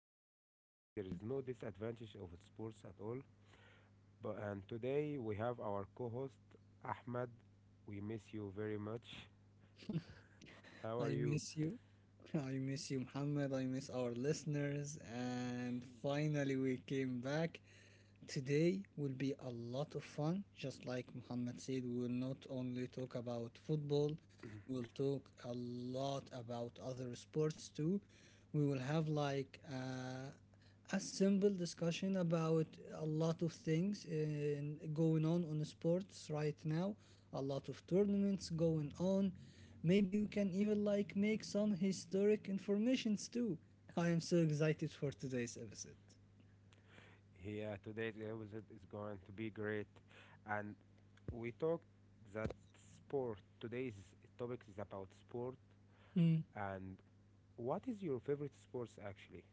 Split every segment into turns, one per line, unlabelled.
disadvantage, but I think there is
Mm.
no disadvantage of sports at all. But and today we have our co-host Ahmed. We miss you very much. How are
I
you?
miss you. I miss you, Muhammad. I miss our listeners. And finally, we came back. Today will be a lot of fun. Just like Muhammad said, we will not only talk about football, we will talk a lot about other sports too. We will have a simple discussion about a lot of things in, going on sports right now, a lot of tournaments going on. Maybe we can even like make some historic informations too. I am so excited for today's episode.
Yeah, today's episode is going to be great. And we talked that sport. Today's topic is about sport. And what is your favorite sports actually?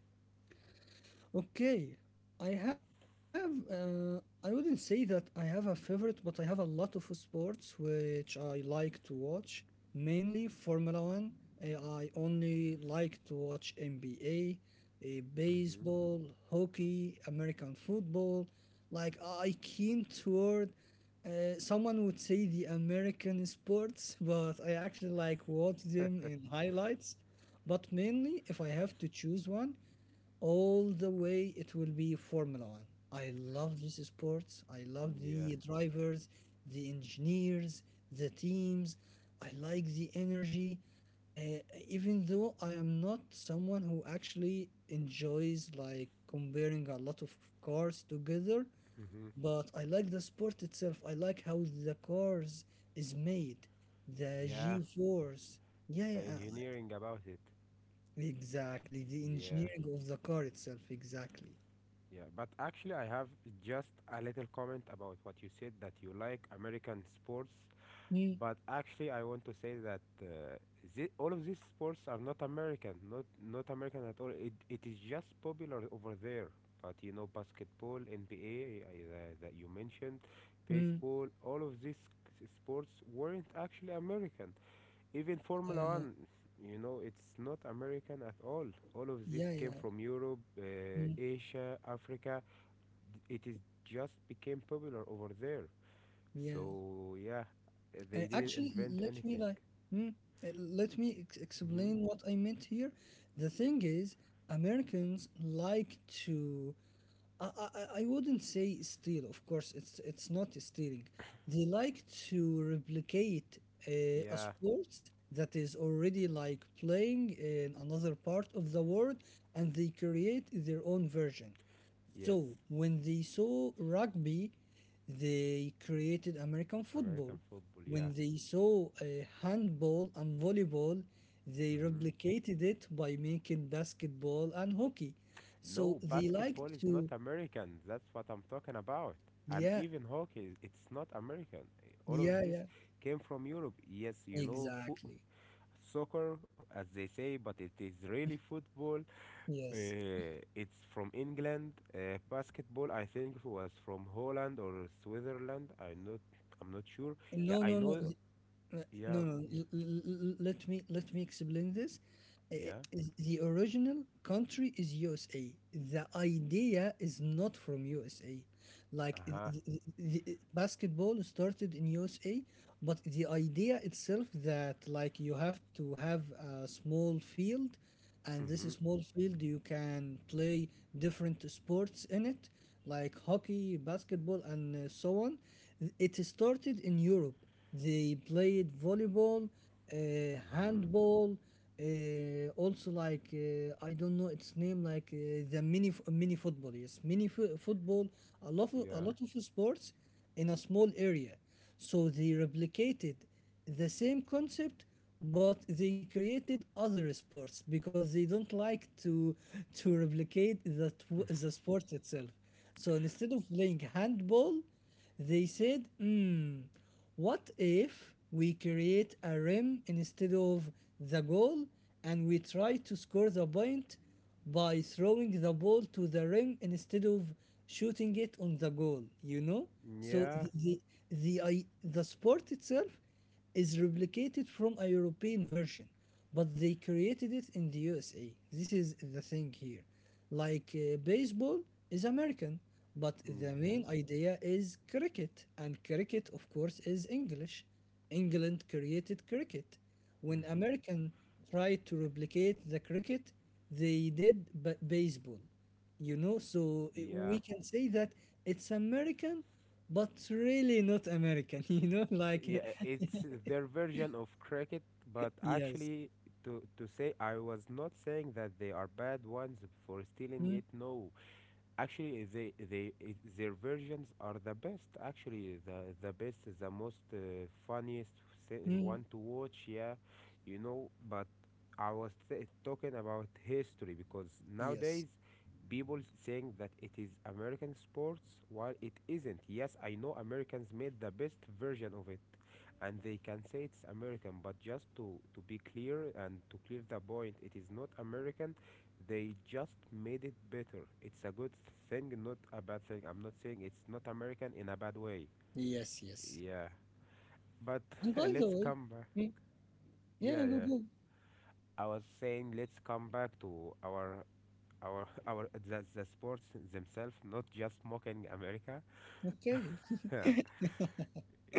Okay, I have. I wouldn't say that I have a favorite, but I have a lot of sports which I like to watch. Mainly Formula One. I only like to watch NBA,
Mm-hmm.
baseball, hockey, American football. Like I keen toward. Someone would say the American sports, but I actually like watch them in highlights. But mainly, if I have to choose one all the way, it will be Formula One. I love this sport, I love
Yeah.
the drivers, the engineers, the teams. I like the energy. uh, Even though I am not someone who actually enjoys like comparing a lot of cars together,
Mm-hmm.
but I like the sport itself. I like how the cars is made, the
Yeah,
G force. Yeah,
the
yeah.
engineering about it.
Exactly, the
Yeah.
engineering of the car itself, exactly.
Yeah, but actually I have just a little comment about what you said, that you like American sports.
Mm,
But actually, I want to say that all of these sports are not American, not American at all. It is just popular over there. But you know, basketball, NBA, that you mentioned,
mm,
baseball, all of these sports weren't actually American. Even Formula
Uh,
One, you know, it's not American at all. All of this
yeah,
came
yeah,
from Europe,
mm,
Asia, Africa. It is just became popular over there.
yeah.
So yeah, they didn't
Actually,
invent anything.
hmm, let me
Hmm.
explain what I meant here. The thing is, Americans like to. I wouldn't say steal. Of course, it's not stealing. They like to replicate a
Yeah,
sport that is already like playing in another part of the world, and they create their own version.
yes,
So when they saw rugby, they created American
American
football.
football. Yeah.
When they saw handball and volleyball, they
Hmm.
replicated it by making basketball and hockey. So
No,
they like
basketball is not
to,
American. That's what I'm talking about. And
yeah,
even hockey, it's not American. All of
yeah,
this
yeah,
came from Europe. Yes, you know,
exactly.
soccer, as they say, but it is really football.
Yes.
It's from England. Basketball, I think, was from Holland or Switzerland. I'm not sure. Yeah,
No,
I
no,
know.
no.
Yeah,
No, no.
yeah,
Let me explain this.
yeah.
The original country is USA. The idea is not from USA.
Uh
Like
huh.
the, basketball started in USA, but the idea itself that like you have to have a small field, and this
Mhm.
small field you can play different sports in it, like hockey, basketball, and so on. It started in Europe. They played volleyball,
Mhm.
handball, also like I don't know its name, like the mini mini football, yes, football, a
Yeah.
lot of sports in a small area. So they replicated the same concept, but they created other sports because they don't like to replicate the sport itself. So instead of playing handball, they said, "Hmm, what if we create a rim instead of the goal, and we try to score the point by throwing the ball to the rim instead of shooting it on the goal, you know?" So
Yeah.
the sport itself is replicated from a European version, but they created it in the USA. This is the thing here. Like baseball is American, but the main
Mhm.
idea is cricket, and cricket, of course, is English. England created cricket. When
Mhm.
American tried to replicate the cricket, they did baseball. You know, so
Yeah.
we can say that it's American, but really not American. You know, like
Yeah, it's their version of cricket, but
yes.
actually, to say, I was not saying that they are bad ones for stealing it.
Mm,
No, actually, their versions are the best. Actually, the most funniest
mm,
one to watch. Yeah, you know. But I was talking about history, because nowadays
yes,
people saying that it is American sports while it isn't. Yes, I know Americans made the best version of it, and they can say it's American. But just to be clear and to clear the point, it is not American, they just made it better. It's a good thing, not a bad thing. I'm not saying it's not American in a bad way.
yes, yes.
Yeah. But
And by the
let's
way,
come back.
mm, yeah,
Yeah, yeah.
go.
I was saying, let's come back to our the sports themselves, not just mocking America.
Ok.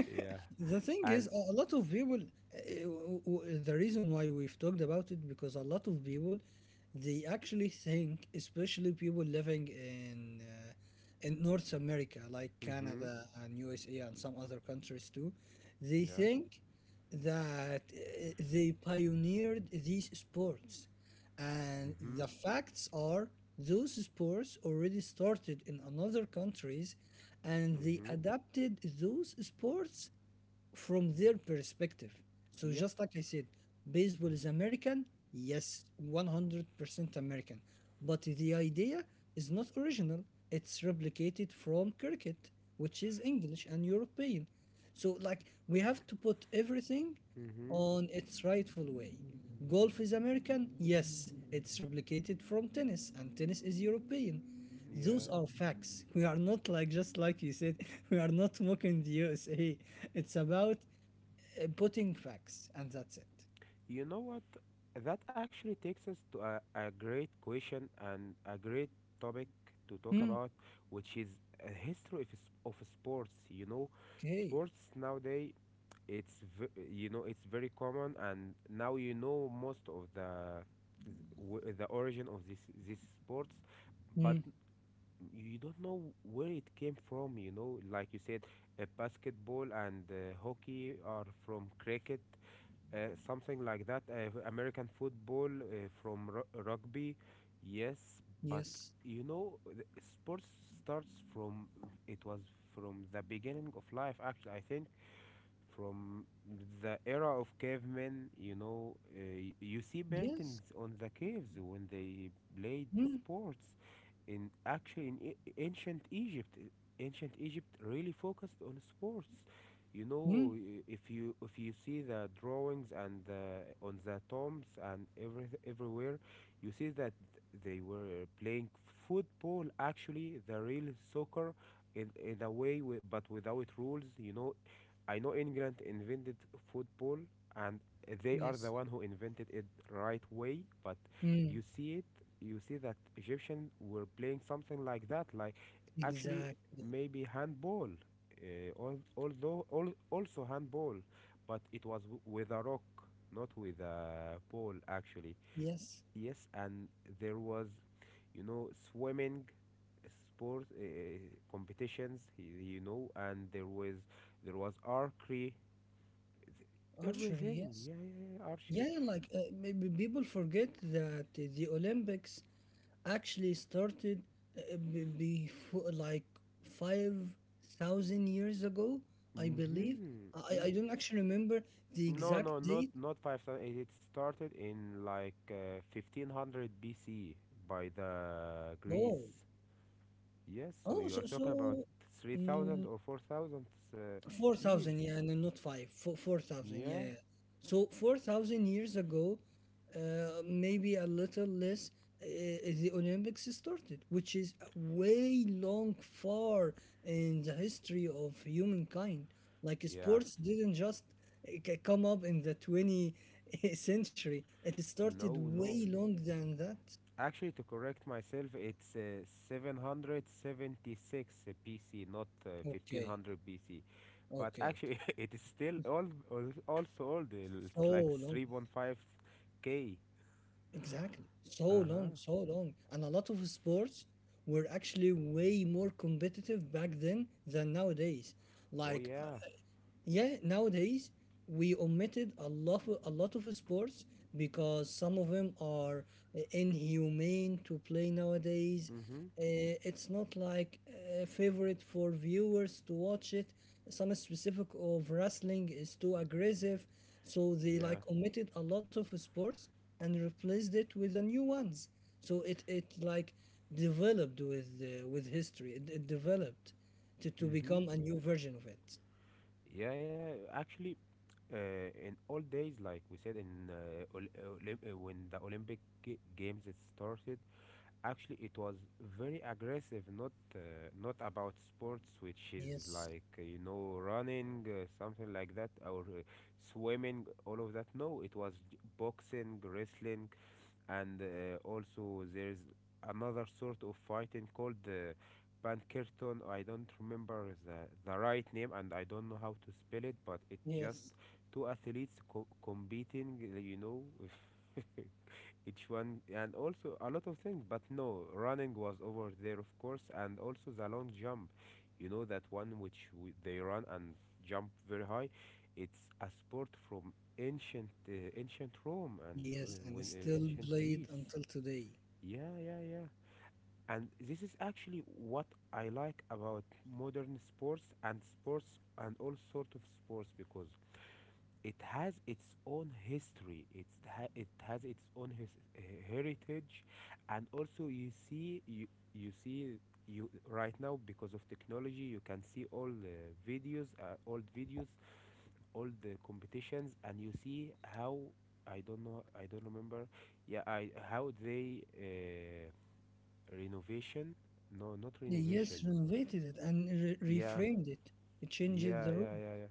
Yeah.
The thing is,
And
a lot of people the reason why we've talked about it, because a lot of people, they actually think, especially people living in North America, like
mhm.
Canada and USA and some other countries too, they
Yeah.
think that they pioneered these sports, and
Mhm.
the facts are those sports already started in another countries, and they
Mhm.
adapted those sports from their perspective. So
Yeah.
just like I said, baseball is American, yes, 100% American. But the idea is not original. It's replicated from cricket, which is English and European. So like we have to put everything
Mhm.
on its rightful way. Golf is American? Yes, it's replicated from tennis, and tennis is European. Those
Yeah.
are facts. We are not like, just like you said, we are not mocking the USA. It's about putting facts, and that's it.
You know what? That actually takes us to a great question and a great topic to talk
Hmm.
about, which is a history of, of sports. You know,
Okay.
sports nowadays, you know, it's very common, and now you know most of the the origin of this sports,
Hmm.
but you don't know where it came from. You know, like you said, basketball and hockey are from cricket, uh, something like that. American football from rugby,
Yes.
yes. But you know, the sports starts from, it was, from the beginning of life. Actually, I think from the era of cavemen, you know, you see
Yes.
paintings on the caves when they
Hmm.
played the sports. In ancient Egypt really focused on sports. You
Hmm.
know, if you, if you see the drawings and the, on the tombs and every everywhere, you see that they were playing football. Actually, the real soccer in a way, but without rules. You know, I know England invented football, and they are the
Yes.
one who invented it right way. But
Hmm.
you see it, you see that Egyptians were playing something like that, like actually
Exactly.
maybe handball, also handball, but it was with a rock, not with a pole actually.
Yes.
Yes, and there was, you know, swimming sport competitions, you know. And there was, there was archery. Th-
Archery,
Everything,
yes.
yeah, yeah, yeah, archery.
Yeah, yeah, maybe people forget that the Olympics actually started before like 5,000 years ago, I believe.
Hmm.
I don't actually remember the
No, no,
exact
not
date.
5,000. It it started in like 1500 BC by the
Oh,
Greece. Yes, so
oh,
you are
so,
talking about
so,
3,000
mm,
or 4,000
4,000,
years.
yeah, no, not 5, Four, 4,000, yeah,
Yeah,
yeah. So 4,000 years ago, maybe a little less, the Olympics started, which is way long far in the history of humankind. Like
yeah.
sports didn't just come up in the 20th century. It started
No, no,
way long than that.
actually, to correct myself, it's 776 BC, not
Okay,
1500 BC. But
okay, okay.
actually, it is still old, also old.
So
It's like
long.
three one five k.
Exactly. So long,
Uh-huh.
so long. And a lot of sports were actually way more competitive back then than nowadays.
Oh,
Like uh,
yeah.
yeah, nowadays we omitted a lot of sports because some of them are inhumane to play nowadays.
Mm-hmm.
It's not like a favorite for viewers to watch it. Some specific of wrestling is too aggressive, so they
Yeah.
like omitted a lot of sports and replaced it with the new ones. So it like developed with history. It developed to
Mm-hmm.
become a new version of it.
Yeah, yeah. Actually, in old days, like we said, in when the Olympic Games it started, actually it was very aggressive. Not not about sports, which is
Yes.
like you know, running, something like that, or swimming, all of that. No, it was boxing, wrestling, and also there's another sort of fighting called the Pankirton. I don't remember the right name, and I don't know how to spell it, but it's just
Yes,
two athletes competing. You know. Each one, and also a lot of things. But no, running was over there, of course, and also the long jump, you know, that one, which they run and jump very high. It's a sport from ancient ancient Rome and
yes, and
when
still
ancient
played
Greece.
until today.
Yeah, yeah, yeah, and this is actually what I like about modern sports and sports and all sort of sports, because it has its own history, it has its own heritage. And also you see you see, you right now, because of technology, you can see all the videos, old videos, all the competitions, and you see how, I don't know, I don't remember. Yeah, I, how they renovation, no, not renovation.
Yes, renovated it and
Yeah,
reframed it. It changed
yeah,
the rule.
yeah, yeah. Yeah.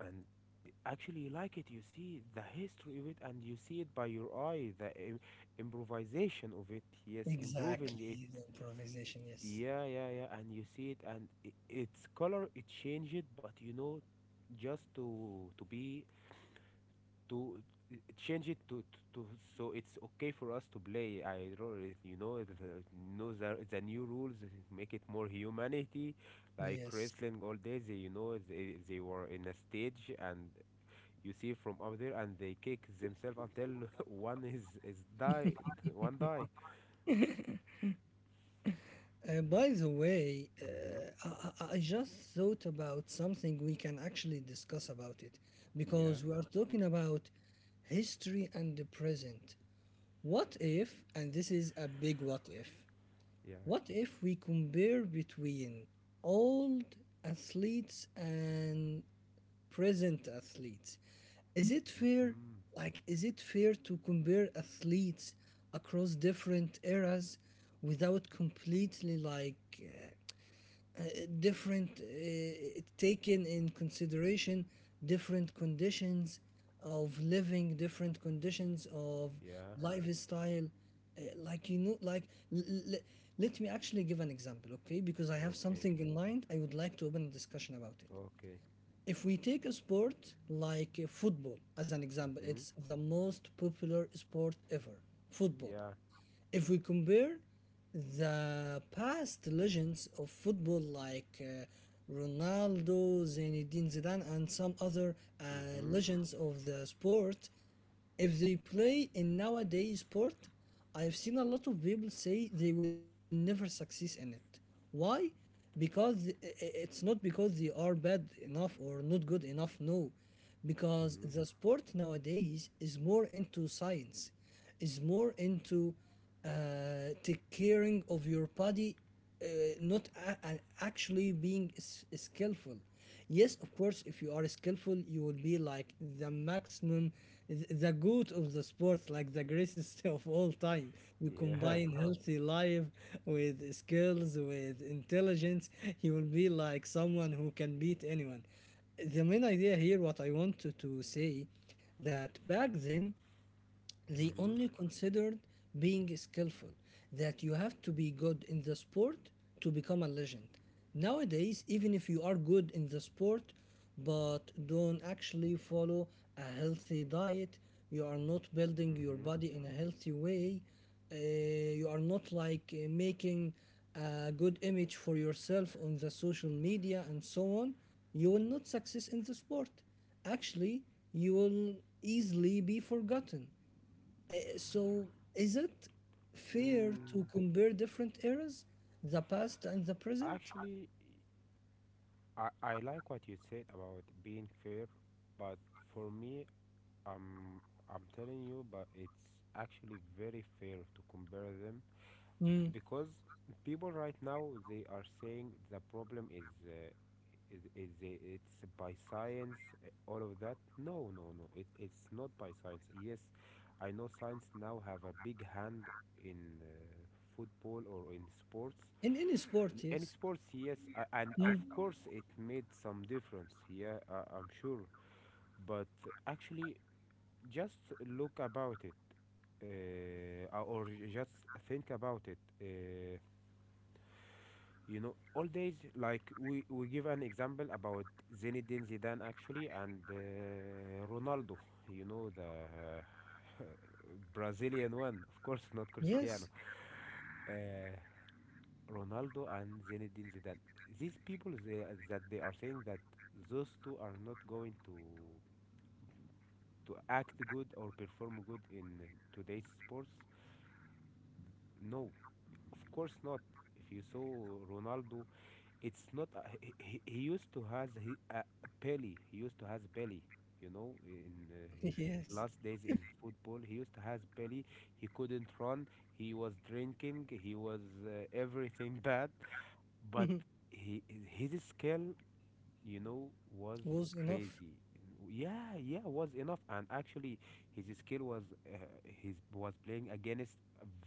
And actually you like it, you see the history of it, and you see it by your eye, the improvisation of it, yes, improving it.
Exactly, the improvisation, yes.
Yeah, yeah, yeah, and you see it, and I, its color, it changed it. But you know, just to be, to, change it to, so it's okay for us to play. I don't really, you know the new rules make it more humanity, like
Yes.
wrestling. All day they, you know, they were in a stage, and you see from up there, and they kick themselves until one is die. One die.
By the way,
Mm-hmm.
I just thought about something we can actually discuss about it,
Yeah,
because we are talking about history and the present. What if, and this is a big what if,
yeah.
what if we compare between old athletes and present athletes? Is it fair?
Mm-hmm.
Like, is it fair to compare athletes across different eras without completely like uh, different taken in consideration different conditions of living, different conditions of
Yeah.
lifestyle. Uh, like you know like l- l- let me actually give an example, okay, because I have
Okay,
something in mind. I would like to open a discussion about it.
okay.
If we take a sport like football as an example,
Mm-hmm.
it's the most popular sport ever, football.
Yeah.
If we compare the past legends of football like Ronaldo, Zinedine Zidane, and some other
Mm-hmm.
legends of the sport, if they play in nowadays sport, I've seen a lot of people say they will never succeed in it. Why? Because it's not because they are bad enough or not good enough. No, because
Mm-hmm.
the sport nowadays is more into science, is more into take caring of your body, uh, not actually being skillful. Yes, of course, if you are skillful, you will be like the maximum, the good of the sport, like the greatest of all time. You
Yeah.
combine healthy life with skills, with intelligence, you will be like someone who can beat anyone. The main idea here, what I wanted to say, that back then they
Mm-hmm.
only considered being skillful, that you have to be good in the sport to become a legend. Nowadays, even if you are good in the sport, but don't actually follow a healthy diet, you are not building your
Mm-hmm.
body in a healthy way, you are not like making a good image for yourself on the social media and so on, you will not success in the sport. Actually, you will easily be forgotten. So is it fair to
Mm,
compare different eras, the past and the present?
actually I like what you said about being fair, but for me, I'm I'm telling you, but it's actually very fair to compare them, because people right now they are saying the problem is is the, it's by science, all of that. No, no, no, it's not by science. Yes, I know science now have a big hand in football or in sports,
In any sport,
in any
yes.
sports. Yes, and of
Mm,
course it made some difference, yeah, I'm sure. But actually, just look about it, or just think about it. You know, all days, like we give an example about Zinedine Zidane, actually, and Ronaldo, you know, the Brazilian one, of course, not
yes.
Cristiano. uh, Ronaldo and Zinedine Zidane, these people, that they are saying that those two are not going to act good, or perform good in today's sports. No, of course not. If you saw Ronaldo, it's not he used to has, belly, he used to has belly, you know, in his
yes.
last days in football. He used to has belly, he couldn't run, he was drinking, he was everything bad. But he, his skill, you know, was
Was enough.
crazy. Yeah, yeah, was enough. And actually, his skill was his was playing against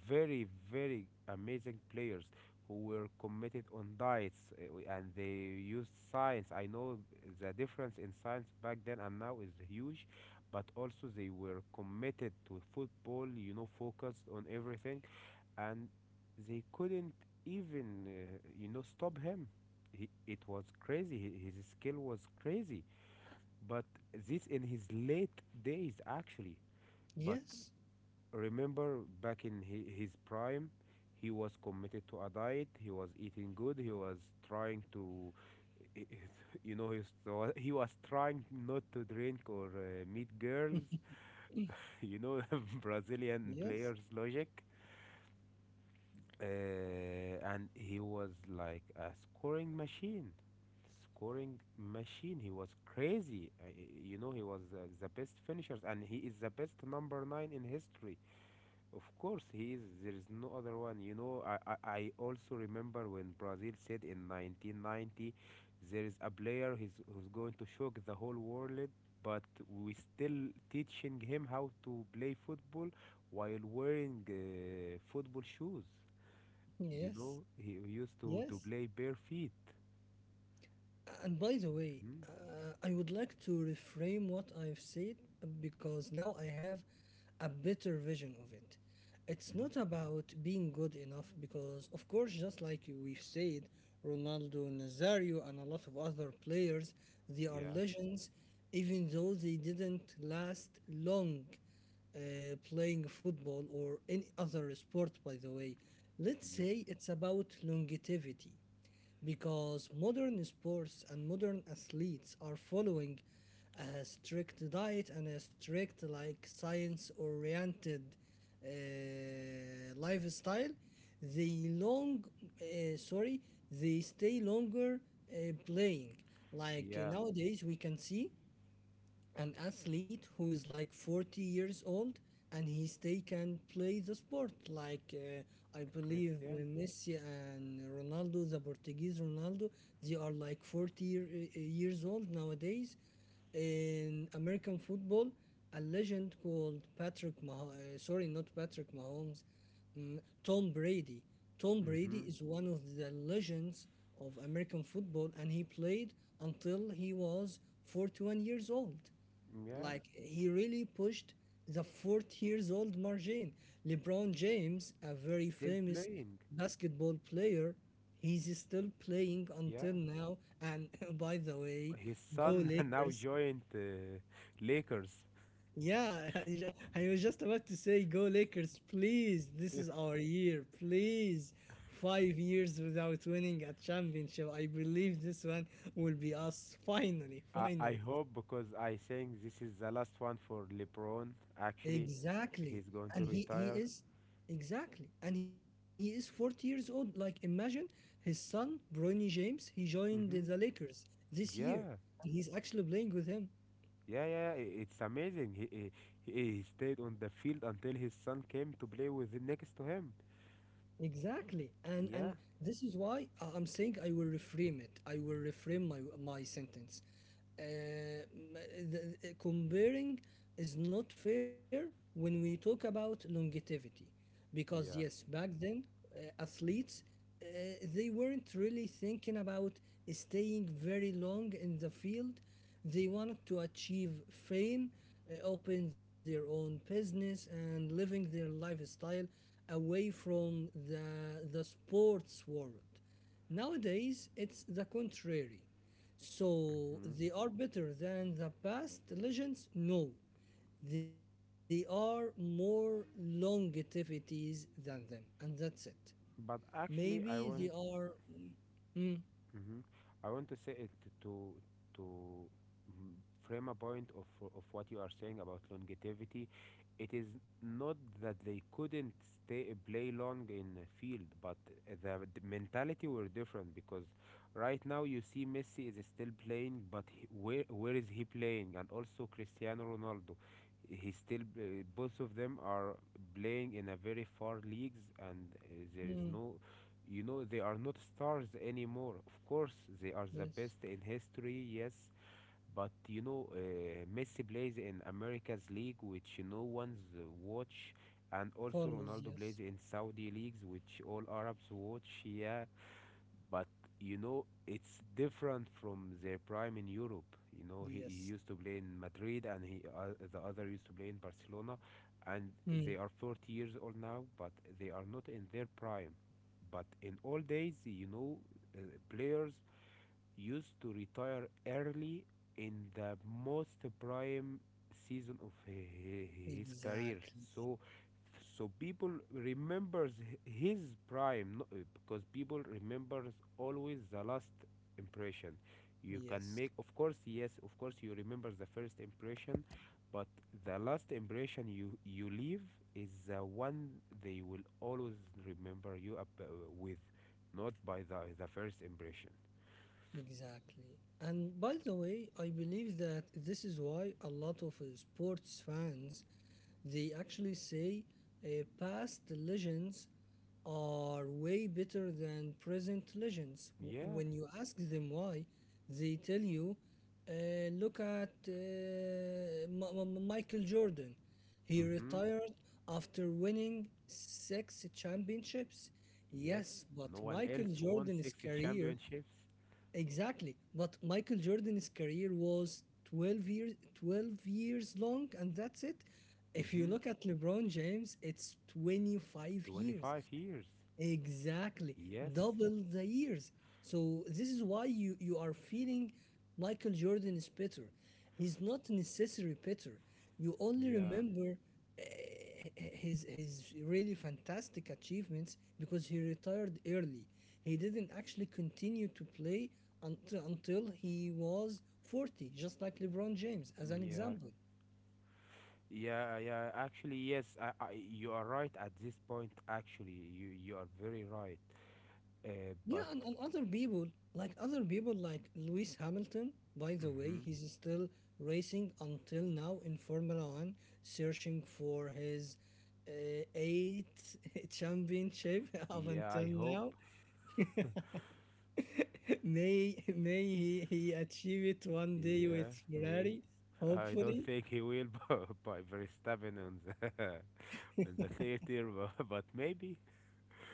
very amazing players who were committed on diets, and they used science. I know the difference in science back then and now is huge, but also they were committed to football. Focused on everything and they couldn't even stop him. It was crazy, his skill was crazy, but this in his late days actually. But
Yes.
remember back in his prime, he was committed to a diet, he was eating good, he was trying to you know he he was trying not to drink or meet girls. you know Brazilian
Yes.
players logic. uh, and he was like a scoring machine, he was crazy. You know he was the best finishers, and he is the best number 9 in history. Of course he is, there is no other one. You know I also remember when Brazil said in 1990 there is a player who's going to shock the whole world, but we still teaching him how to play football while wearing football shoes. You
Yes.
know, he used to,
Yes.
play bare feet.
And by the way,
Mhm,
I would like to reframe what I've said because now I have a better vision of it. It's
mhm.
not about being good enough because, of course, just like we've said, Ronaldo, Nazario, and a lot of other players, they are
Yeah,
legends, even though they didn't last long playing football or any other sport, by the way. Let's
yes.
say it's about longevity, because modern sports and modern athletes are following a strict diet and a strict like science oriented lifestyle. They long sorry, they stay longer playing. Like
Yeah,
nowadays we can see an athlete who is like 40 years old and he still can play the sport. Like I believe
Christian.
Messi and Ronaldo, the Portuguese Ronaldo, they are like 40 year, years old nowadays. In American football, a legend called patrick Mah- sorry not Patrick Mahomes, mm, Tom Brady, Tom Brady
Hmm.
is one of the legends of American football, and he played until he was 41 years old.
Yeah,
Like he really pushed the 40 years old margin. LeBron James, a very
still
famous
playing.
basketball player, he's still playing
Yeah,
until now. And by the way,
his
go
son now
Lakers.
joined Lakers.
Yeah, I was just about to say, go Lakers, please. This is our year, please. 5 years without winning a championship. I believe this one will be us finally,
I
finally.
hope, because I think this is the last one for LeBron. Actually,
Exactly.
he's going to
And he, he
retire.
is exactly. And he is 40 years old. Like imagine his son, Bronny James, he joined the
Mm-hmm.
Lakers this year.
Yeah.
And he's actually playing with him.
Yeah, yeah, yeah, it's amazing. He stayed on the field until his son came to play with next to him.
Exactly. And
Yeah,
this is why I'm saying I will reframe it. I will reframe my sentence. Uh, m- the comparing is not fair when we talk about longevity because yes,
yeah.
back then athletes uh, they weren't really thinking about staying very long in the field. They wanted to achieve fame, open their own business, and living their lifestyle away from the sports world. Nowadays, it's the contrary.
Hmm.
So they are better than the past legends? No. They are more longativities than them, and that's it.
But actually, I
Maybe
want
they are.
hmm I want to say it to to frame a point of what you are saying about longevity. It is not that they couldn't stay play long in a field, but the mentality were different, because right now you see Messi is still playing, but where is he playing? And also Cristiano Ronaldo, he still both of them are playing in a very far leagues, and there is
Mm,
no, you know, they are not stars anymore. Of course, they are the best
yes.
in history, yes. But Messi plays in America's league, which no one's watch, and also Ronaldo
Follows.
plays in
Yes.
Saudi leagues, which all Arabs watch. Yeah, but you know it's different from their prime in Europe. You know he used to
Yes.
play in Madrid and he the other used to play in Barcelona, and they
Mm,
are 40 years old now, but they are not in their prime. But in all days, you know, uh, players used to retire early in the most prime season of his career.
exactly.
So, so people remembers his prime because people remembers always the last impression you can
Yes.
make. Of course, yes, of course you remember the first impression, but the last impression you leave is the one they will always remember you up with, not by the first impression.
Exactly. And by the way, I believe that this is why a lot of sports fans they actually say past legends are way better than present legends. W-
Yeah.
when you ask them why, they tell you, look at Michael Jordan. He
Mm-hmm.
retired after winning 6 championships.
Yes,
Yes, but
no one
Michael
else won
Jordan's
six
career.
championships.
Exactly. But Michael Jordan's career was 12 years long and that's it. If you
Mm-hmm.
look at LeBron James, it's 25 years.
25 years.
Exactly,
Yes.
double the years. So this is why you are feeling Michael Jordan is better. He's not necessarily better. You only
Yeah.
remember uh, his really fantastic achievements because he retired early. He didn't actually continue to play until he was 40, just like LeBron James as an
Yeah.
example.
Yeah, yeah. Actually, yes, you are right at this point. Actually, you are very right. But.
Yeah, and other people, like Lewis Hamilton, by the way,
Mhm.
he's still racing until now in Formula One, searching for his eighth championship up
Yeah,
until
I hope.
now. May he achieve it one day
Yeah,
with
may.
Ferrari,
I don't
hopefully.
think he will by Verstappen on the on the theater, but maybe.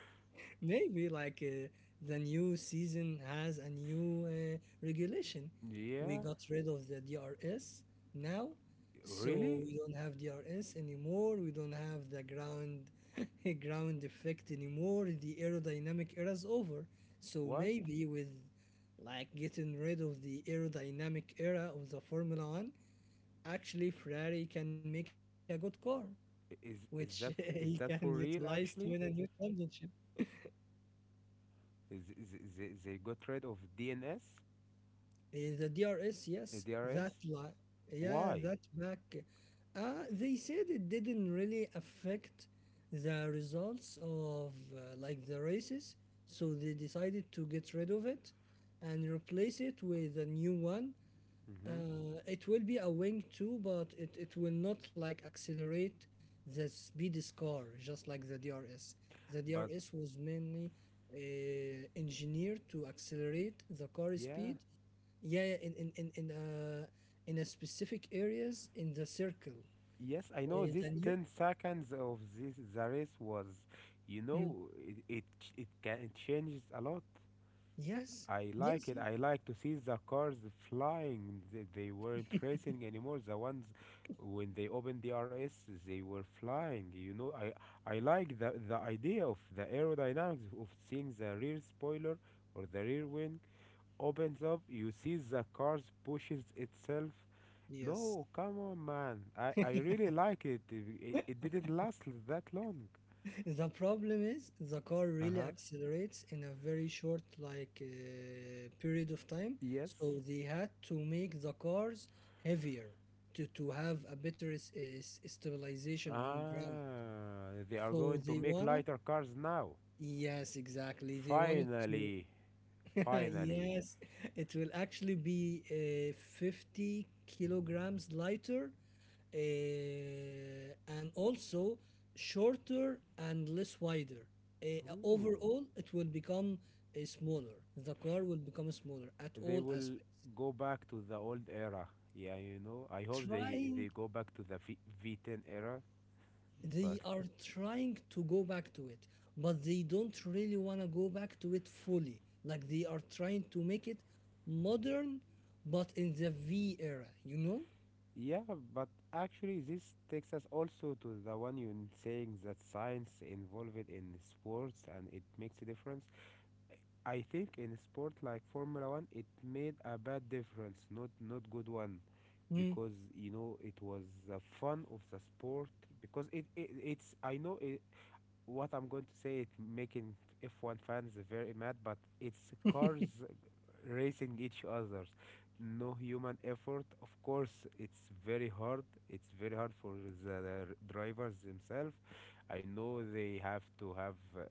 Maybe like the new season has a new regulation. We
Yeah.
got rid of the DRS now, so
Really?
we don't have DRS anymore. We don't have the ground ground effect anymore. The aerodynamic era is over. So
What?
maybe with like getting rid of the aerodynamic era of the Formula One, actually Ferrari can make a good car, which
Is
he
is that
can
f- is that
utilize
for
to win
real
a new
actually?
championship.
Is they got rid of DNS,
The DRS, yes,
DRS?
that like yeah,
Why?
that back. They said it didn't really affect the results of like the races, so they decided to get rid of it and replace it with a new one.
Hmm.
It will be a wing too, but it will not like accelerate the speed car just like the DRS. The
But
DRS was mainly uh, engineered to accelerate the car
yeah,
speed. Yeah, yeah, in a specific areas in the circle.
yes, I know
The
this
new.
10 seconds of this the race was, you
Mm,
know, it ch- it can it changes a lot.
Yes,
I like
yes,
it. I like to see the cars flying. They weren't racing anymore. The ones, when they opened the RS, they were flying. You know, I like the idea of the aerodynamics of seeing the rear spoiler or the rear wing opens up. You see the cars pushes itself.
yes.
No, come on, man. I really like it. It didn't last that long.
The problem is the car
Uh
really
huh.
accelerates in a very short like period of time,
Yes.
so they had to make the cars heavier to have a better stabilization on ground.
Ah, they are
So
going to
they
make
wanna,
lighter cars now.
yes, exactly. They wanted to.
Finally, finally.
Yes, it will actually be 50 kilograms lighter and also shorter and less wider.
Ooh,
Overall, it will become smaller. The car will become smaller at
they
all
will
aspects.
go back to the old era. Yeah. I hope they
Trying,
they go back to the V10 era, but
they are trying to go back to it, but they don't really want to go back to it fully. Like they are trying to make it modern, but in the V era, you know?
yeah, but actually this takes us also to the one you saying that science involved in sports and it makes a difference. I think in sport like Formula 1, it made a bad difference, not good one,
Mm-hmm.
because you know it was the fun of the sport, because it's I know it, what I'm going to say, it making F1 fans very mad, but it's cars racing each others. No human effort. Of course, it's very hard. It's very hard for the drivers themselves. I know they have to have. Uh,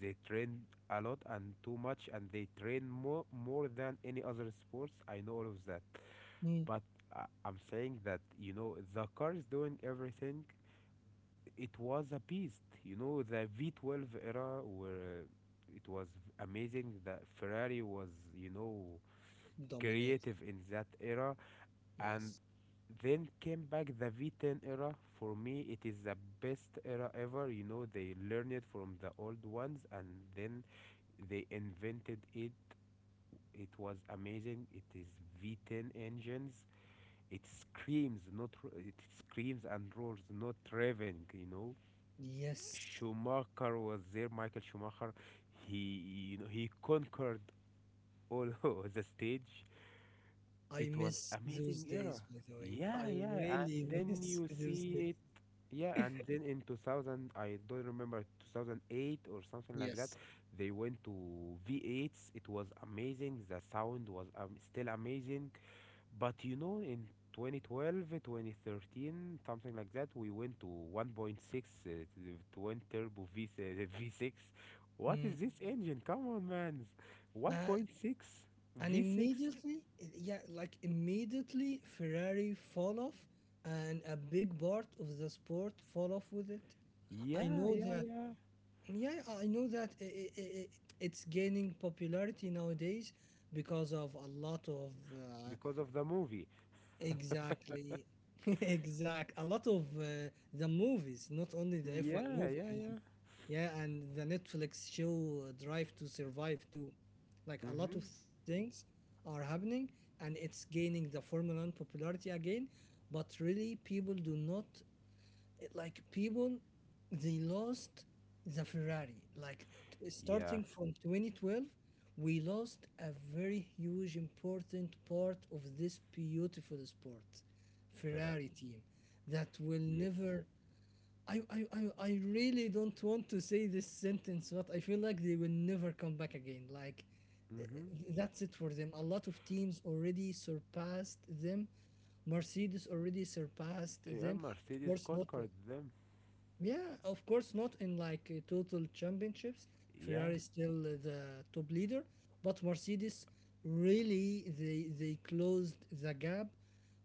they train a lot and too much, and they train more than any other sports. I know all of that, but I'm saying that you know the car is doing everything, it was a beast. You know, the V12 era, where it was amazing that Ferrari was, you know,
Dominate.
creative in that era. And
Yes.
then came back the V10 era. For me, it is the best era ever. You know, they learned it from the old ones and then they invented it. It was amazing. It is V10 engines. It screams, not it screams and roars, not revving. You know,
Yes.
Schumacher was there, Michael Schumacher. He conquered all of the stage.
I
It was
miss those
amazing era.
days, by the way.
Yeah,
I
yeah.
really
And then
miss
you
those days.
see it. Yeah, and then in 2000, I don't remember, 2008 or something like that.
Yes.
They went to V8s. It was amazing. The sound was still amazing. But you know, in 2012, 2013, something like that, we went to 1.6 twin turbo V6. What is
Mm.
this engine? Come on, man.
Uh,
1.6
and
V6.
immediately, yeah, like immediately, Ferrari fall off, and a big part of the sport fall off with it. I
Yeah,
know
yeah,
that.
yeah.
Yeah, I know that I it's gaining popularity nowadays because of a lot of
Because of the movie.
Exactly. Exact. A lot of the movies, not only the F1
Yeah,
movie,
yeah,
and
yeah.
yeah, and the Netflix show Drive to Survive too. Like a lot of
Mm-hmm.
things are happening, and it's gaining the Formula One popularity again. But really, people do not like people, they lost the Ferrari like
Yeah,
starting from 2012 we lost a very huge important part of this beautiful sport,
Ferrari.
Ferrari team, that will
Yes.
never. I really don't want to say this sentence, but I feel like they will never come back again. Like,
Mm-hmm.
that's it for them. A lot of teams already surpassed them. Mercedes already surpassed
Yeah,
them. Of
Mercedes
course, not
conquered them.
yeah, of course, not in like total championships.
Yeah.
Ferrari is still the top leader, but Mercedes really they closed the gap,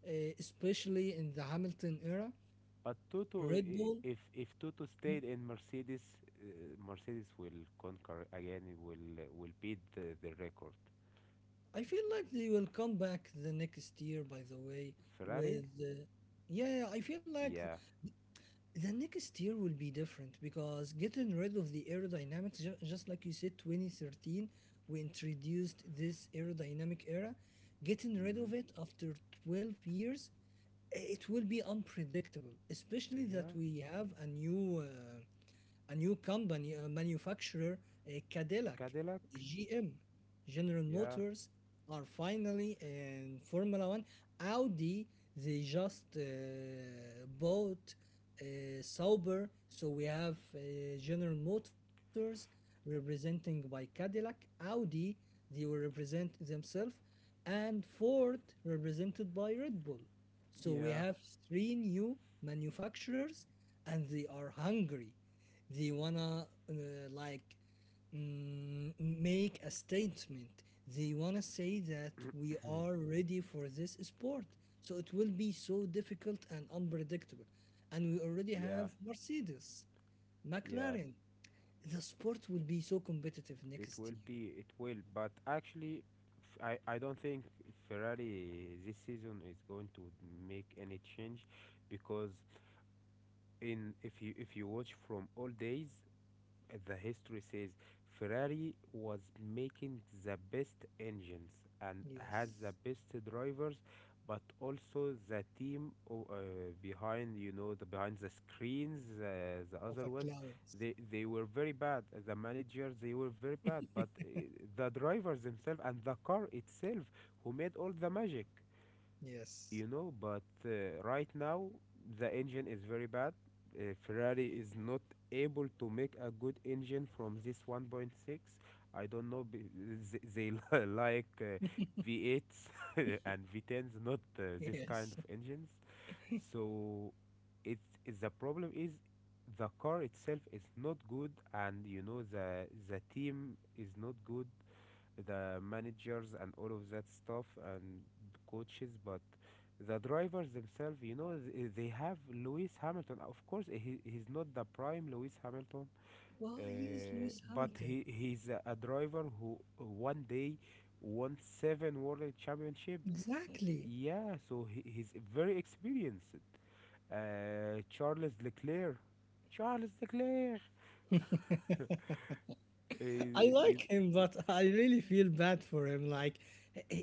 uh, especially in the Hamilton era.
But Toto,
Red
i-
Bull,
if if Toto stayed in Mercedes, Mercedes will conquer again. It will beat the record.
I feel like they will come back the next year. By the way,
Ferrari,
with yeah, yeah, I feel like
yeah,
the next year will be different because getting rid of the aerodynamics, just like you said, 2013, we introduced this aerodynamic era. Getting rid
mm-hmm.
of it after 12 years, it will be unpredictable, especially
Yeah.
that we have a new company, a manufacturer, Cadillac,
Cadillac,
GM, General
yeah,
Motors, are finally in Formula One. Audi, they just bought Sauber, so we have General Motors representing by Cadillac, Audi, they will represent themselves, and Ford represented by Red Bull. So we
yeah,
have three new manufacturers, and they are hungry. They wanna like make a statement. They wanna say that we are ready for this sport. So it will be so difficult and unpredictable. And we already
yeah,
have Mercedes,
yeah.
McLaren. The sport will be so competitive
It
next
will
year.
be. It will. But actually, f- I don't think Ferrari this season is going to make any change, because in if you watch from all days, the history says Ferrari was making the best engines and has
Yes.
the best drivers, but also the team behind, you know, the behind the screens,
Of a
the other
clowns.
ones, they were very bad. The managers, they were very bad, but the drivers themselves and the car itself who made all the magic,
Yes.
you know. But right now, the engine is very bad. Ferrari is not able to make a good engine from this 1.6. I don't know. Like V8s and V10s, not this kind of
Yes.
engines. So, it's the problem is, the car itself is not good, and you know the team is not good, the managers and all of that stuff and coaches, but the drivers themselves, you know, they have Lewis Hamilton. Of course, he's not the prime Lewis Hamilton, uh,
Why is Lewis
but
Hamilton?
he's a driver who one day won seven world championship,
Exactly.
yeah, so he's very experienced. Charles Leclerc, charles leclerc uh,
I
you-
like him, but I really feel bad for him. Like, eh, eh,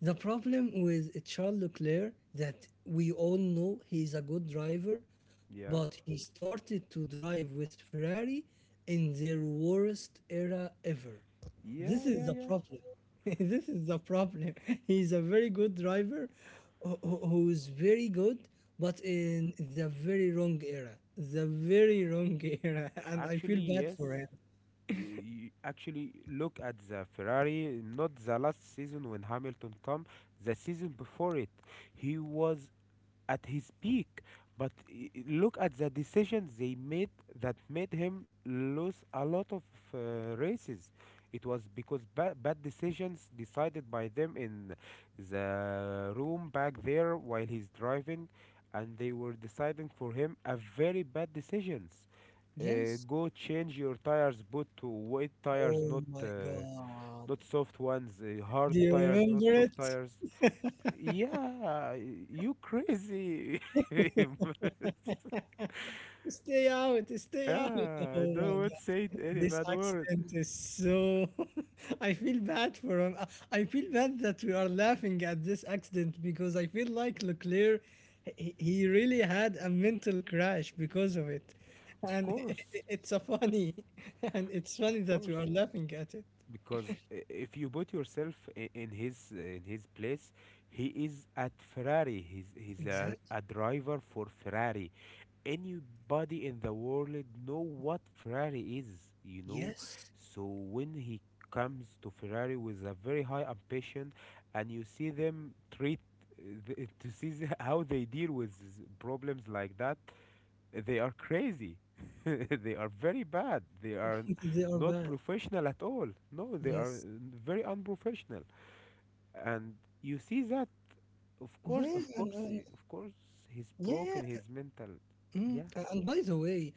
the problem with Charles Leclerc that we all know he's a good driver,
yeah,
but he started to drive with Ferrari in their worst era ever.
yeah,
This
yeah,
is the
yeah.
problem. This is the problem. He's a very good driver who is very good, but in the very wrong era. The very wrong era. And I
Actually,
feel bad
yes,
for him.
actually, look at the Ferrari, not the last season when Hamilton come, the season before it. He was at his peak. But look at the decisions they made, that made him lose a lot of uh, races. It was because bad decisions decided by them in the room back there while he's driving, and they were deciding for him a very bad decisions. Uh,
Yes,
go change your tires, put to wet tires,
oh
not
my God.
not soft ones. Hard
Do you
tires, not
remember
soft
it?
tires. Yeah, you crazy. Yeah,
Stay out, stay out.
I
Oh
don't
my
want to say
God.
any
This
bad word.
accident is so. I feel bad for him. I feel bad that we are laughing at this accident because I feel like Leclerc, he really had a mental crash because of it.
Of
And
course,
it's a funny. And it's
of
funny that
course,
we are laughing at it.
because if you put yourself in his place, he is at Ferrari. He's he's a,
Exactly.
a driver for Ferrari. Anybody in the world know what Ferrari is, you know.
Yes.
So when he comes to Ferrari with a very high ambition, and you see them treat to see how they deal with problems like that, they are crazy. They are very bad. They are
They are
not
bad.
professional at all. No, they are
Yes.
very unprofessional, and you see that. Of course,
Yeah,
of
and,
course,
and
of course, he's
yeah,
broken his mental.
mm,
Yeah.
and by the way,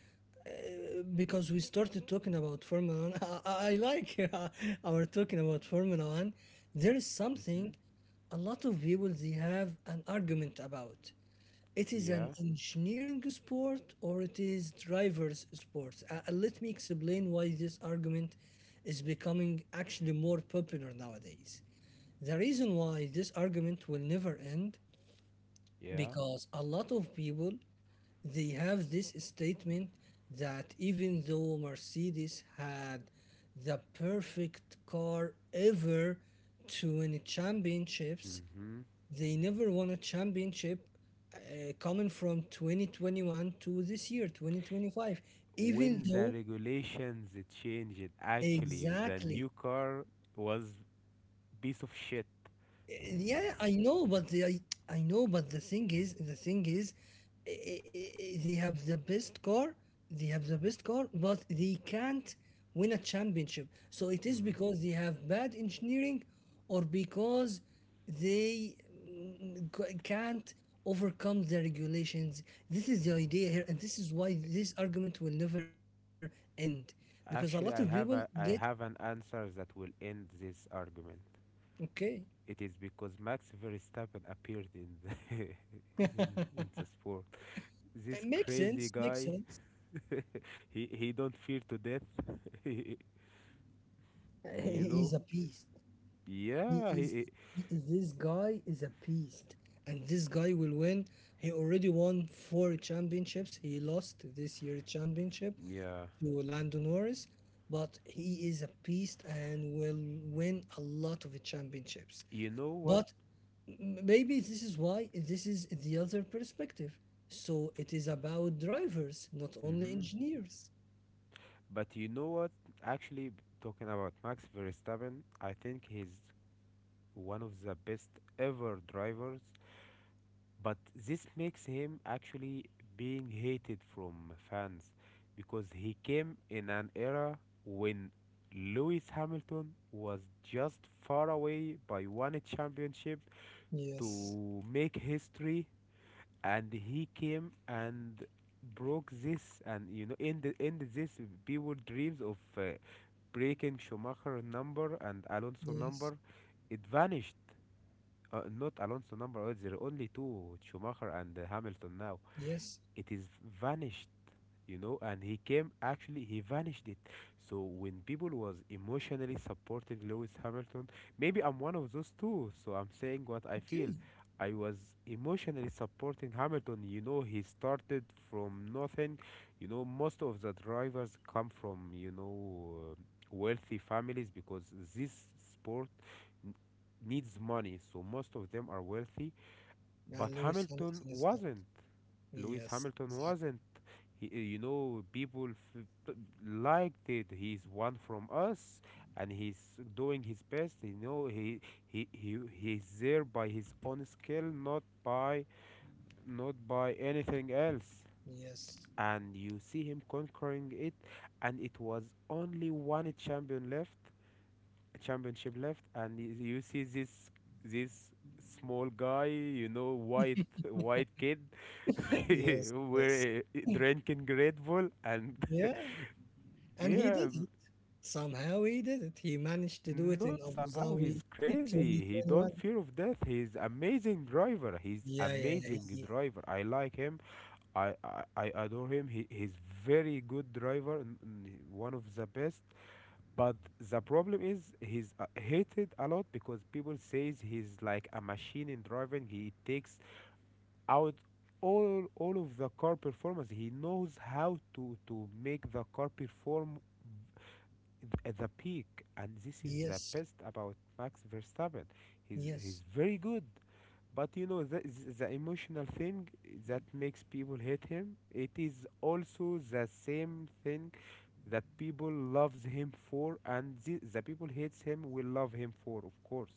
because we started talking about Formula One, I like our talking about Formula One. There is
Mm-hmm.
something a lot of people they have an argument about. It is an
Yeah,
engineering sport or it is driver's sport. Let me explain why this argument is becoming actually more popular nowadays. The reason why this argument will never end
yeah.
because a lot of people they have this statement that even though Mercedes had the perfect car ever to win championships,
Hmm.
they never won a championship, coming from 2021 to this year 2025, even
When
though
the regulations changed, actually, the
exactly.
new car was piece of shit.
Yeah, I know, but the, I know, but the thing is i- they have the best car, they have the best car, but they can't win a championship. So it is
Hmm.
because they have bad engineering or because they can't overcome the regulations. This is the idea here, and this is why this argument will never end because a
Actually,
lot of people
I
get.
have an answer that will end this argument.
Okay,
It is because Max Verstappen appeared in the in the sport. This
it makes
crazy
sense,
guy,
makes sense.
he don't fear to death. You know?
He's a beast. He
Yeah,
is, this guy is a beast, and this guy will win. He already won 4 championships. He lost this year's championship
yeah.
to Lando Norris, but he is a beast and will win a lot of championships.
You know what?
But maybe this is why this is the other perspective. So it is about drivers, not only
Hmm.
engineers.
But you know what? Actually, talking about Max Verstappen, I think he's one of the best ever drivers. But this makes him actually being hated from fans, because he came in an era when Lewis Hamilton was just far away by one championship
Yes,
to make history, and he came and broke this, and you know, ended this people dreams of breaking Schumacher number and Alonso
yes,
number. It vanished. Not Alonso number. Oh, there are only two Schumacher and Hamilton now.
yes.
It is vanished and he came, actually he vanished it. So when people was emotionally supporting Lewis Hamilton, maybe I'm one of those two, so I'm saying what I feel.
Okay.
I was emotionally supporting Hamilton. He started from nothing. Most of the drivers come from, wealthy families because this sport n- needs money, so most of them are wealthy.
Now
But
Lewis
Hamilton
Hamilton is not.
wasn't. Lewis
Yes,
Hamilton
exactly.
wasn't. He, liked it. He's one from us, and he's doing his best. You know, he's there by his own skill, not by not by anything else.
Yes,
And you see him conquering it, and it was only one champion left championship left, and you see this small guy, you know, white white kid,
yes, yes.
where drinking Red Bull, and
Yeah, and he
yeah,
did it. Somehow he did it. He managed to do it
not
in Abu
somehow. He's
Dhabi
crazy. He don't
2021.
fear of death. He's amazing driver. He's
Yeah, yeah, yeah.
amazing driver. I like him. I adore him. He's very good driver. One of the best. But the problem is he's hated a lot because people says he's like a machine in driving. He takes out all of the car performance. He knows how to make the car perform at the peak, and this is the
Yes,
best about Max Verstappen. He's
yes.
very good, but you know the emotional thing that makes people hate him. It is also the same thing that people loves him for, and the people hates him will love him for. Of course,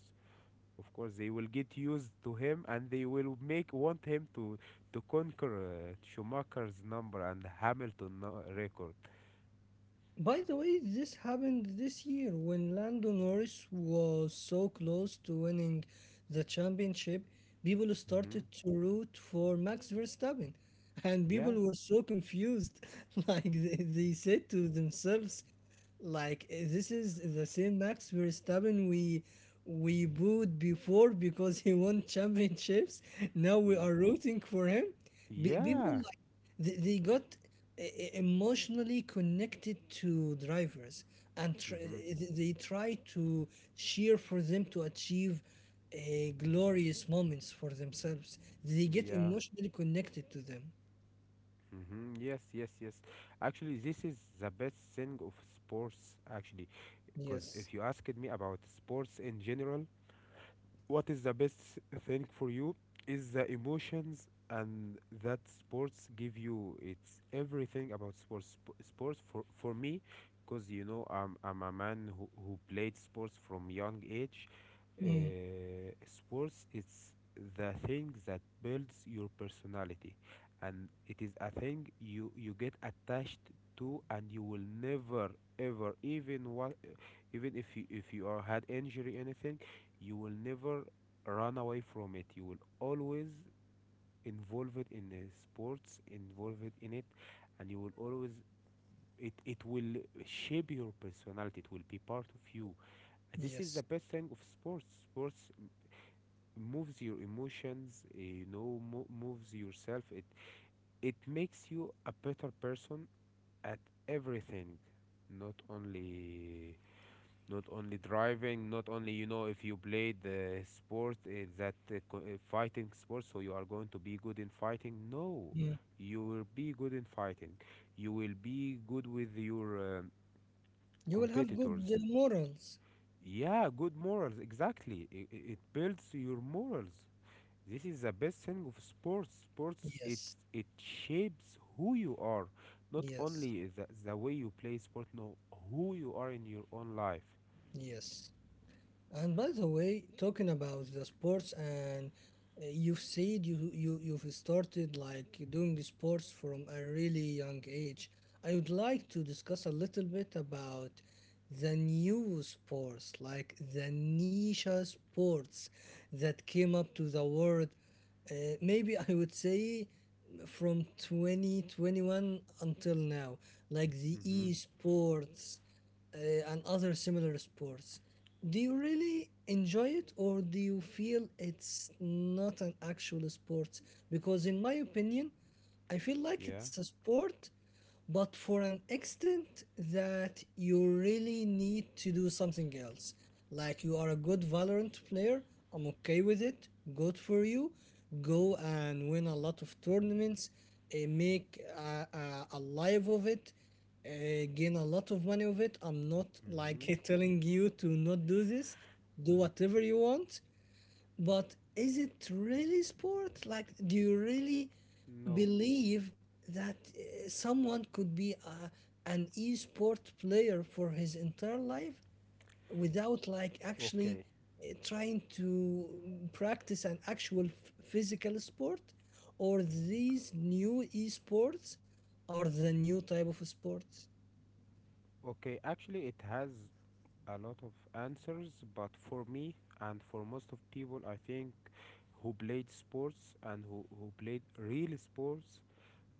of course they will get used to him, and they will make want him to conquer Schumacher's number and record.
By the way, this happened this year when Lando Norris was so close to winning the championship. People started
hmm
to root for Max Verstappen, and
yeah.
people were so confused. Like they said to themselves, "Like this is the same Max Verstappen we booed before because he won championships. Now we
N-
are rooting for him." People
yeah.
they got emotionally connected to drivers and
hmm
they try to cheer for them to achieve glorious moments for themselves. They get
yeah.
emotionally connected to them.
Yes, yes, yes. Actually, this is the best thing of sports, actually, because if
Yes.
you asked me about sports in general, what is the best thing for you is the emotions and that sports give you. It's everything about sports. Sports for me, because you know I'm a man who played sports from young age.
Mm,
Sports, it's the thing that builds your personality, and it is a thing you get attached to, and you will never ever even if you are had injury, anything, you will never run away from it. You will always involve it in the sports, involve it in it, and you will always, it will shape your personality, it will be part of you. This is the
yes.
best thing of sports. Sports moves your emotions, you know, moves yourself. It makes you a better person at everything. Not only not only driving, not only you know if you played the sport that fighting sport, so you are going to be good in fighting. No,
Mm.
you will be good in fighting. You will be good with your
You will have good
competitors.
morals.
Yeah, good morals. Exactly, it builds your morals. This is the best thing of sports. Sports, it
Yes.
it shapes who you are, not
Yes.
only the way you play sport, no, who you are in your own life.
Yes. And by the way, talking about the sports, and you've said you've started like doing sports from a really young age. I would like to discuss a little bit about the new sports, like the niche sports that came up to the world. Uh, Maybe I would say from 2021 until now, like the
Mhm.
esports and other similar sports. Do you really enjoy it or do you feel it's not an actual sport? Because, in my opinion, I feel like
Yeah.
it's a sport, but for an extent that you really need to do something else. Like, you are a good Valorant player, I'm okay with it, good for you. Go and win a lot of tournaments, make a life of it, uh, gain a lot of money with it. I'm not
Mm-hmm.
like telling you to not do this, do whatever you want. But is it really sport? Like, do you really
No.
believe that someone could be an e-sport player for his entire life without like actually
Okay.
trying to practice an actual physical sport? Or these new esports are the new type of sports?
Okay. Actually, it has a lot of answers, but for me and for most of people, I think, who played sports and who played real sports,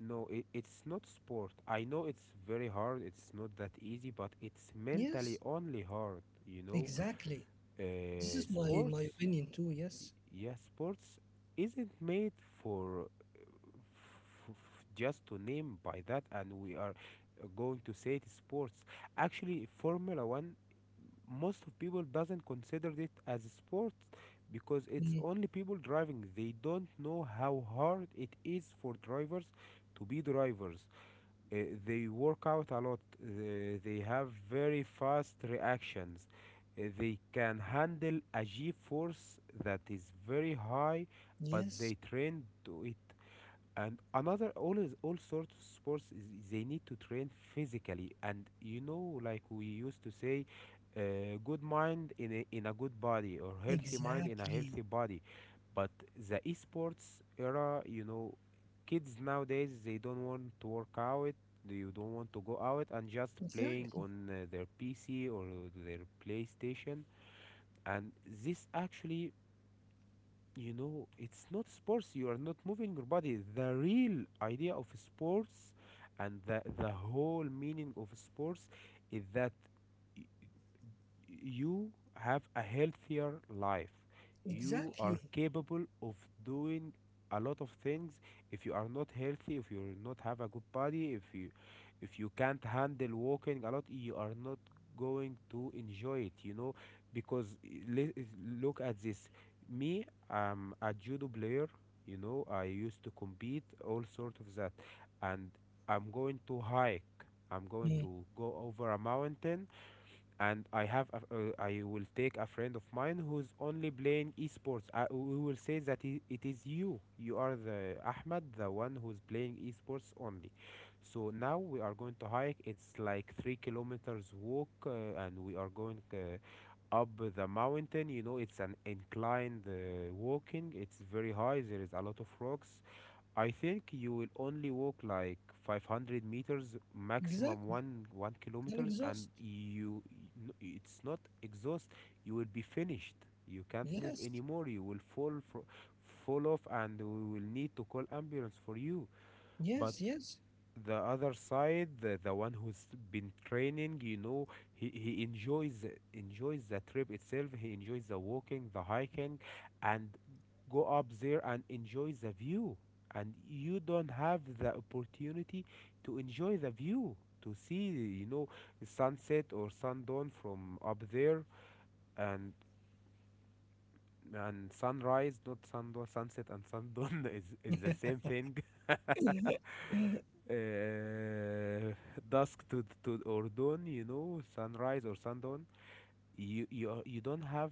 no, it, it's not sport. I know it's very hard, it's not that easy, but it's
Yes,
mentally only hard, you know.
exactly. This is my
Sports,
opinion too.
y-
Yes.
yeah, sports isn't made for f- just to name by that, and we are going to say it sports. Actually, Formula One, most of people doesn't consider it as a sport because it's
Mm,
only people driving. They don't know how hard it is for drivers to be drivers. Uh, they work out a lot. They have very fast reactions. They can handle a G force that is very high, but they
yes,
train to it. And another, all is, all sorts of sports is they need to train physically, and you know, like we used to say, good mind in a good body, or healthy mind in a healthy
exactly.
body. But the esports era, you know, kids nowadays, they don't want to work out. They, you don't want to go out and just playing
Exactly.
on their PC or their PlayStation. And this actually, you know, it's not sports. You are not moving your body. The real idea of sports and the whole meaning of sports is that you have a healthier life. You are
Exactly.
capable of doing a lot of things. If you are not healthy, if you not have a good body, if you can't handle walking a lot, you are not going to enjoy it. You know, because le- look at this. Me, I'm a judo player. You know, I used to compete all sort of that, and I'm going to hike. I'm going to
Mm,
go over a mountain, and I have a, I will take a friend of mine who's only playing esports. I, we will say that it is you. You are the Ahmad, the one who's playing esports only. So now we are going to hike. It's like 3 km walk, and we are going up the mountain. You know, it's an inclined walking. It's very high. There is a lot of rocks. I think you will only walk like 500 meters, maximum
exactly.
one
And
kilometers,
exhaust.
and you it's not exhaust. You will be finished. You can't move
Yes.
anymore. You will fall fro fall off, and we will need to call ambulance for you. But
Yes, yes.
the other side, the one who's been training, you know, he enjoys the trip itself. He enjoys the walking, the hiking, and go up there and enjoy the view. And you don't have the opportunity to enjoy the view, to see, you know, sunset or sundown from up there. and and sunrise, not sundown, sunset and sundown is the same thing. uh, dusk to or dawn, you know, sunrise or sundown, you don't have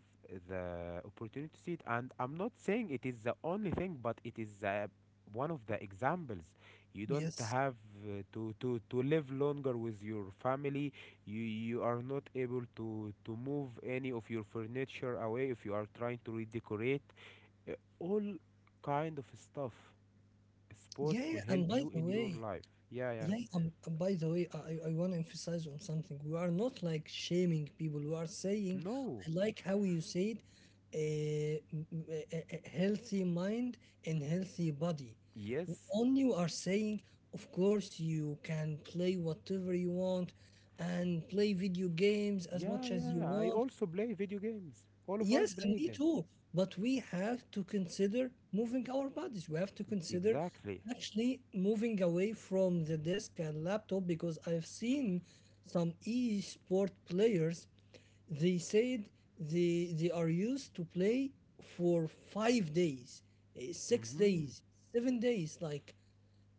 the opportunity to see it. And I'm not saying it is the only thing, but it is one of the examples. You don't
Yes.
have to live longer with your family. You are not able to move any of your furniture away if you are trying to redecorate. All kind of stuff. Sports
Yeah,
will
yeah.
help
And by
you
the
in your
way,
life. Yeah, yeah.
yeah, by the way, I want to emphasize on something. We are not like shaming people. We are saying,
No.
I like how you said, uh, a, a healthy mind and healthy body.
Yes.
Only we are saying, of course, you can play whatever you want and play video games as much
Yeah,
as you
yeah. I
want.
also play video games. All of us
Yes, and
play
me
them.
too. But we have to consider moving our bodies. We have to consider
Exactly.
actually moving away from the desk and laptop because I've seen some e-sport players. They said they are used to play for 5 days, 6 days,
Mm-hmm.
7 days. Like,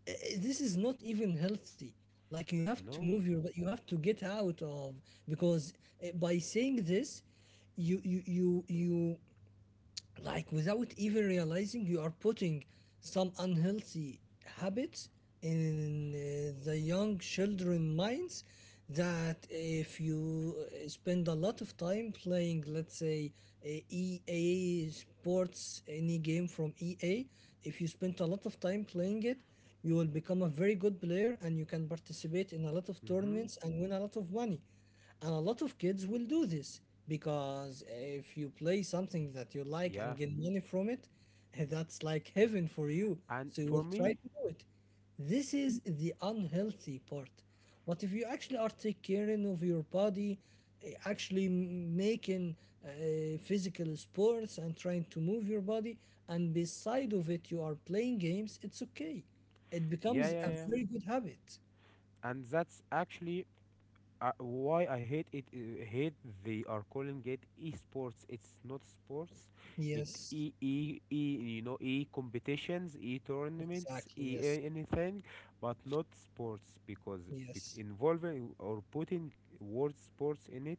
uh, this is not even healthy. Like, you have to move
No.
your, you have to get out of, because by saying this, you like without even realizing you are putting some unhealthy habits in the young children minds, that if you spend a lot of time playing, let's say, a EA sports, any game from EA, if you spend a lot of time playing it, you will become a very good player and you can participate in a lot of
Mm-hmm.
tournaments and win a lot of money, and a lot of kids will do this because if you play something that you like
Yeah.
and get money from it, that's like heaven for you.
And
So you
for
will try
me,
to do it. This is the unhealthy part. But if you actually are taking care of your body, actually making uh, physical sports and trying to move your body, and beside of it you are playing games, it's okay. It
yeah,
becomes
yeah,
a
yeah.
very good habit.
And that's actually why I hate it, hate they are calling it esports. It's not sports. It,
Yes,
e e e, you know, e competitions, e tournaments,
exactly. Yes,
anything, but not sports, because be
yes.
involving or putting word sports in it,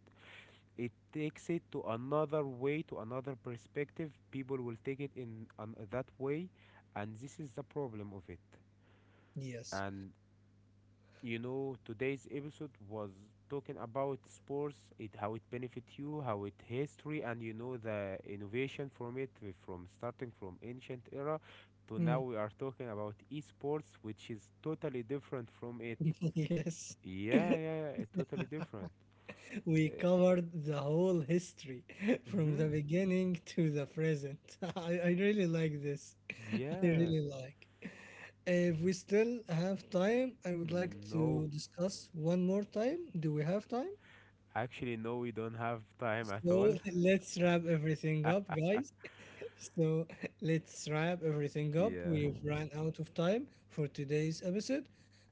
it takes it to another way, to another perspective. People will take it in an, that way, and this is the problem of it.
Yes.
And you know, today's episode was talking about sports, it, how it benefit you, how it history, and you know, the innovation from it, from starting from ancient era to now
Mm,
we are talking about esports, which is totally different from it.
yes.
Yeah, yeah, yeah, totally different.
We
Uh,
covered the whole history from the
mm-hmm.
beginning to the present. I really like this. I
Yeah.
really like. If we still have time, I would like to
No.
discuss one more time. Do we have time?
Actually no, we don't have time at
So
all.
let's wrap everything up, guys. So let's wrap everything up.
Yeah.
We've run out of time for today's episode,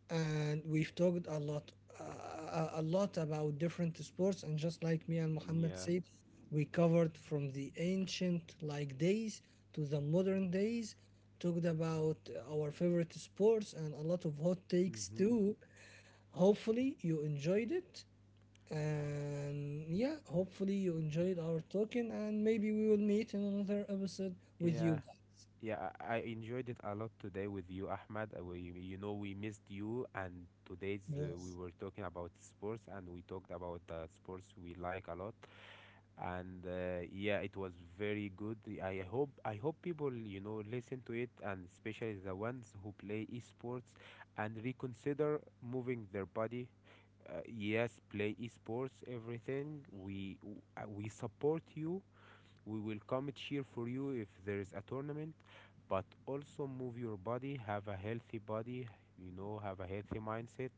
and we've talked a lot about different sports. And just like me and Muhammad
Yeah.
said, we covered from the ancient like days to the modern days. Talked about our favorite sports and a lot of hot takes
Mm-hmm.
too. Hopefully, you enjoyed it. And yeah, hopefully you enjoyed our talking, and maybe we will meet in another episode with
Yeah.
you guys.
Yeah, I enjoyed it a lot today with you, Ahmad. We, you know, we missed you, and today's
Yes.
we were talking about sports, and we talked about the sports we like a lot. And yeah, it was very good. I hope people, you know, listen to it, and especially the ones who play esports, and reconsider moving their body. Yes, play esports, everything. We support you. We will come cheer for you if there is a tournament, but also move your body, have a healthy body, you know, have a healthy mindset.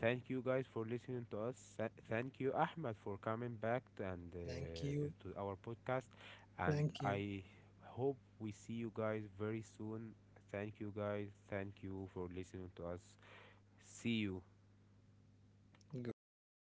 Thank you guys for listening to us. Thank you, Ahmed, for coming back and
Thank you.
to our podcast. And
Thank you.
I hope we see you guys very soon. Thank you, guys. Thank you for listening to us. See you.
Goodbye,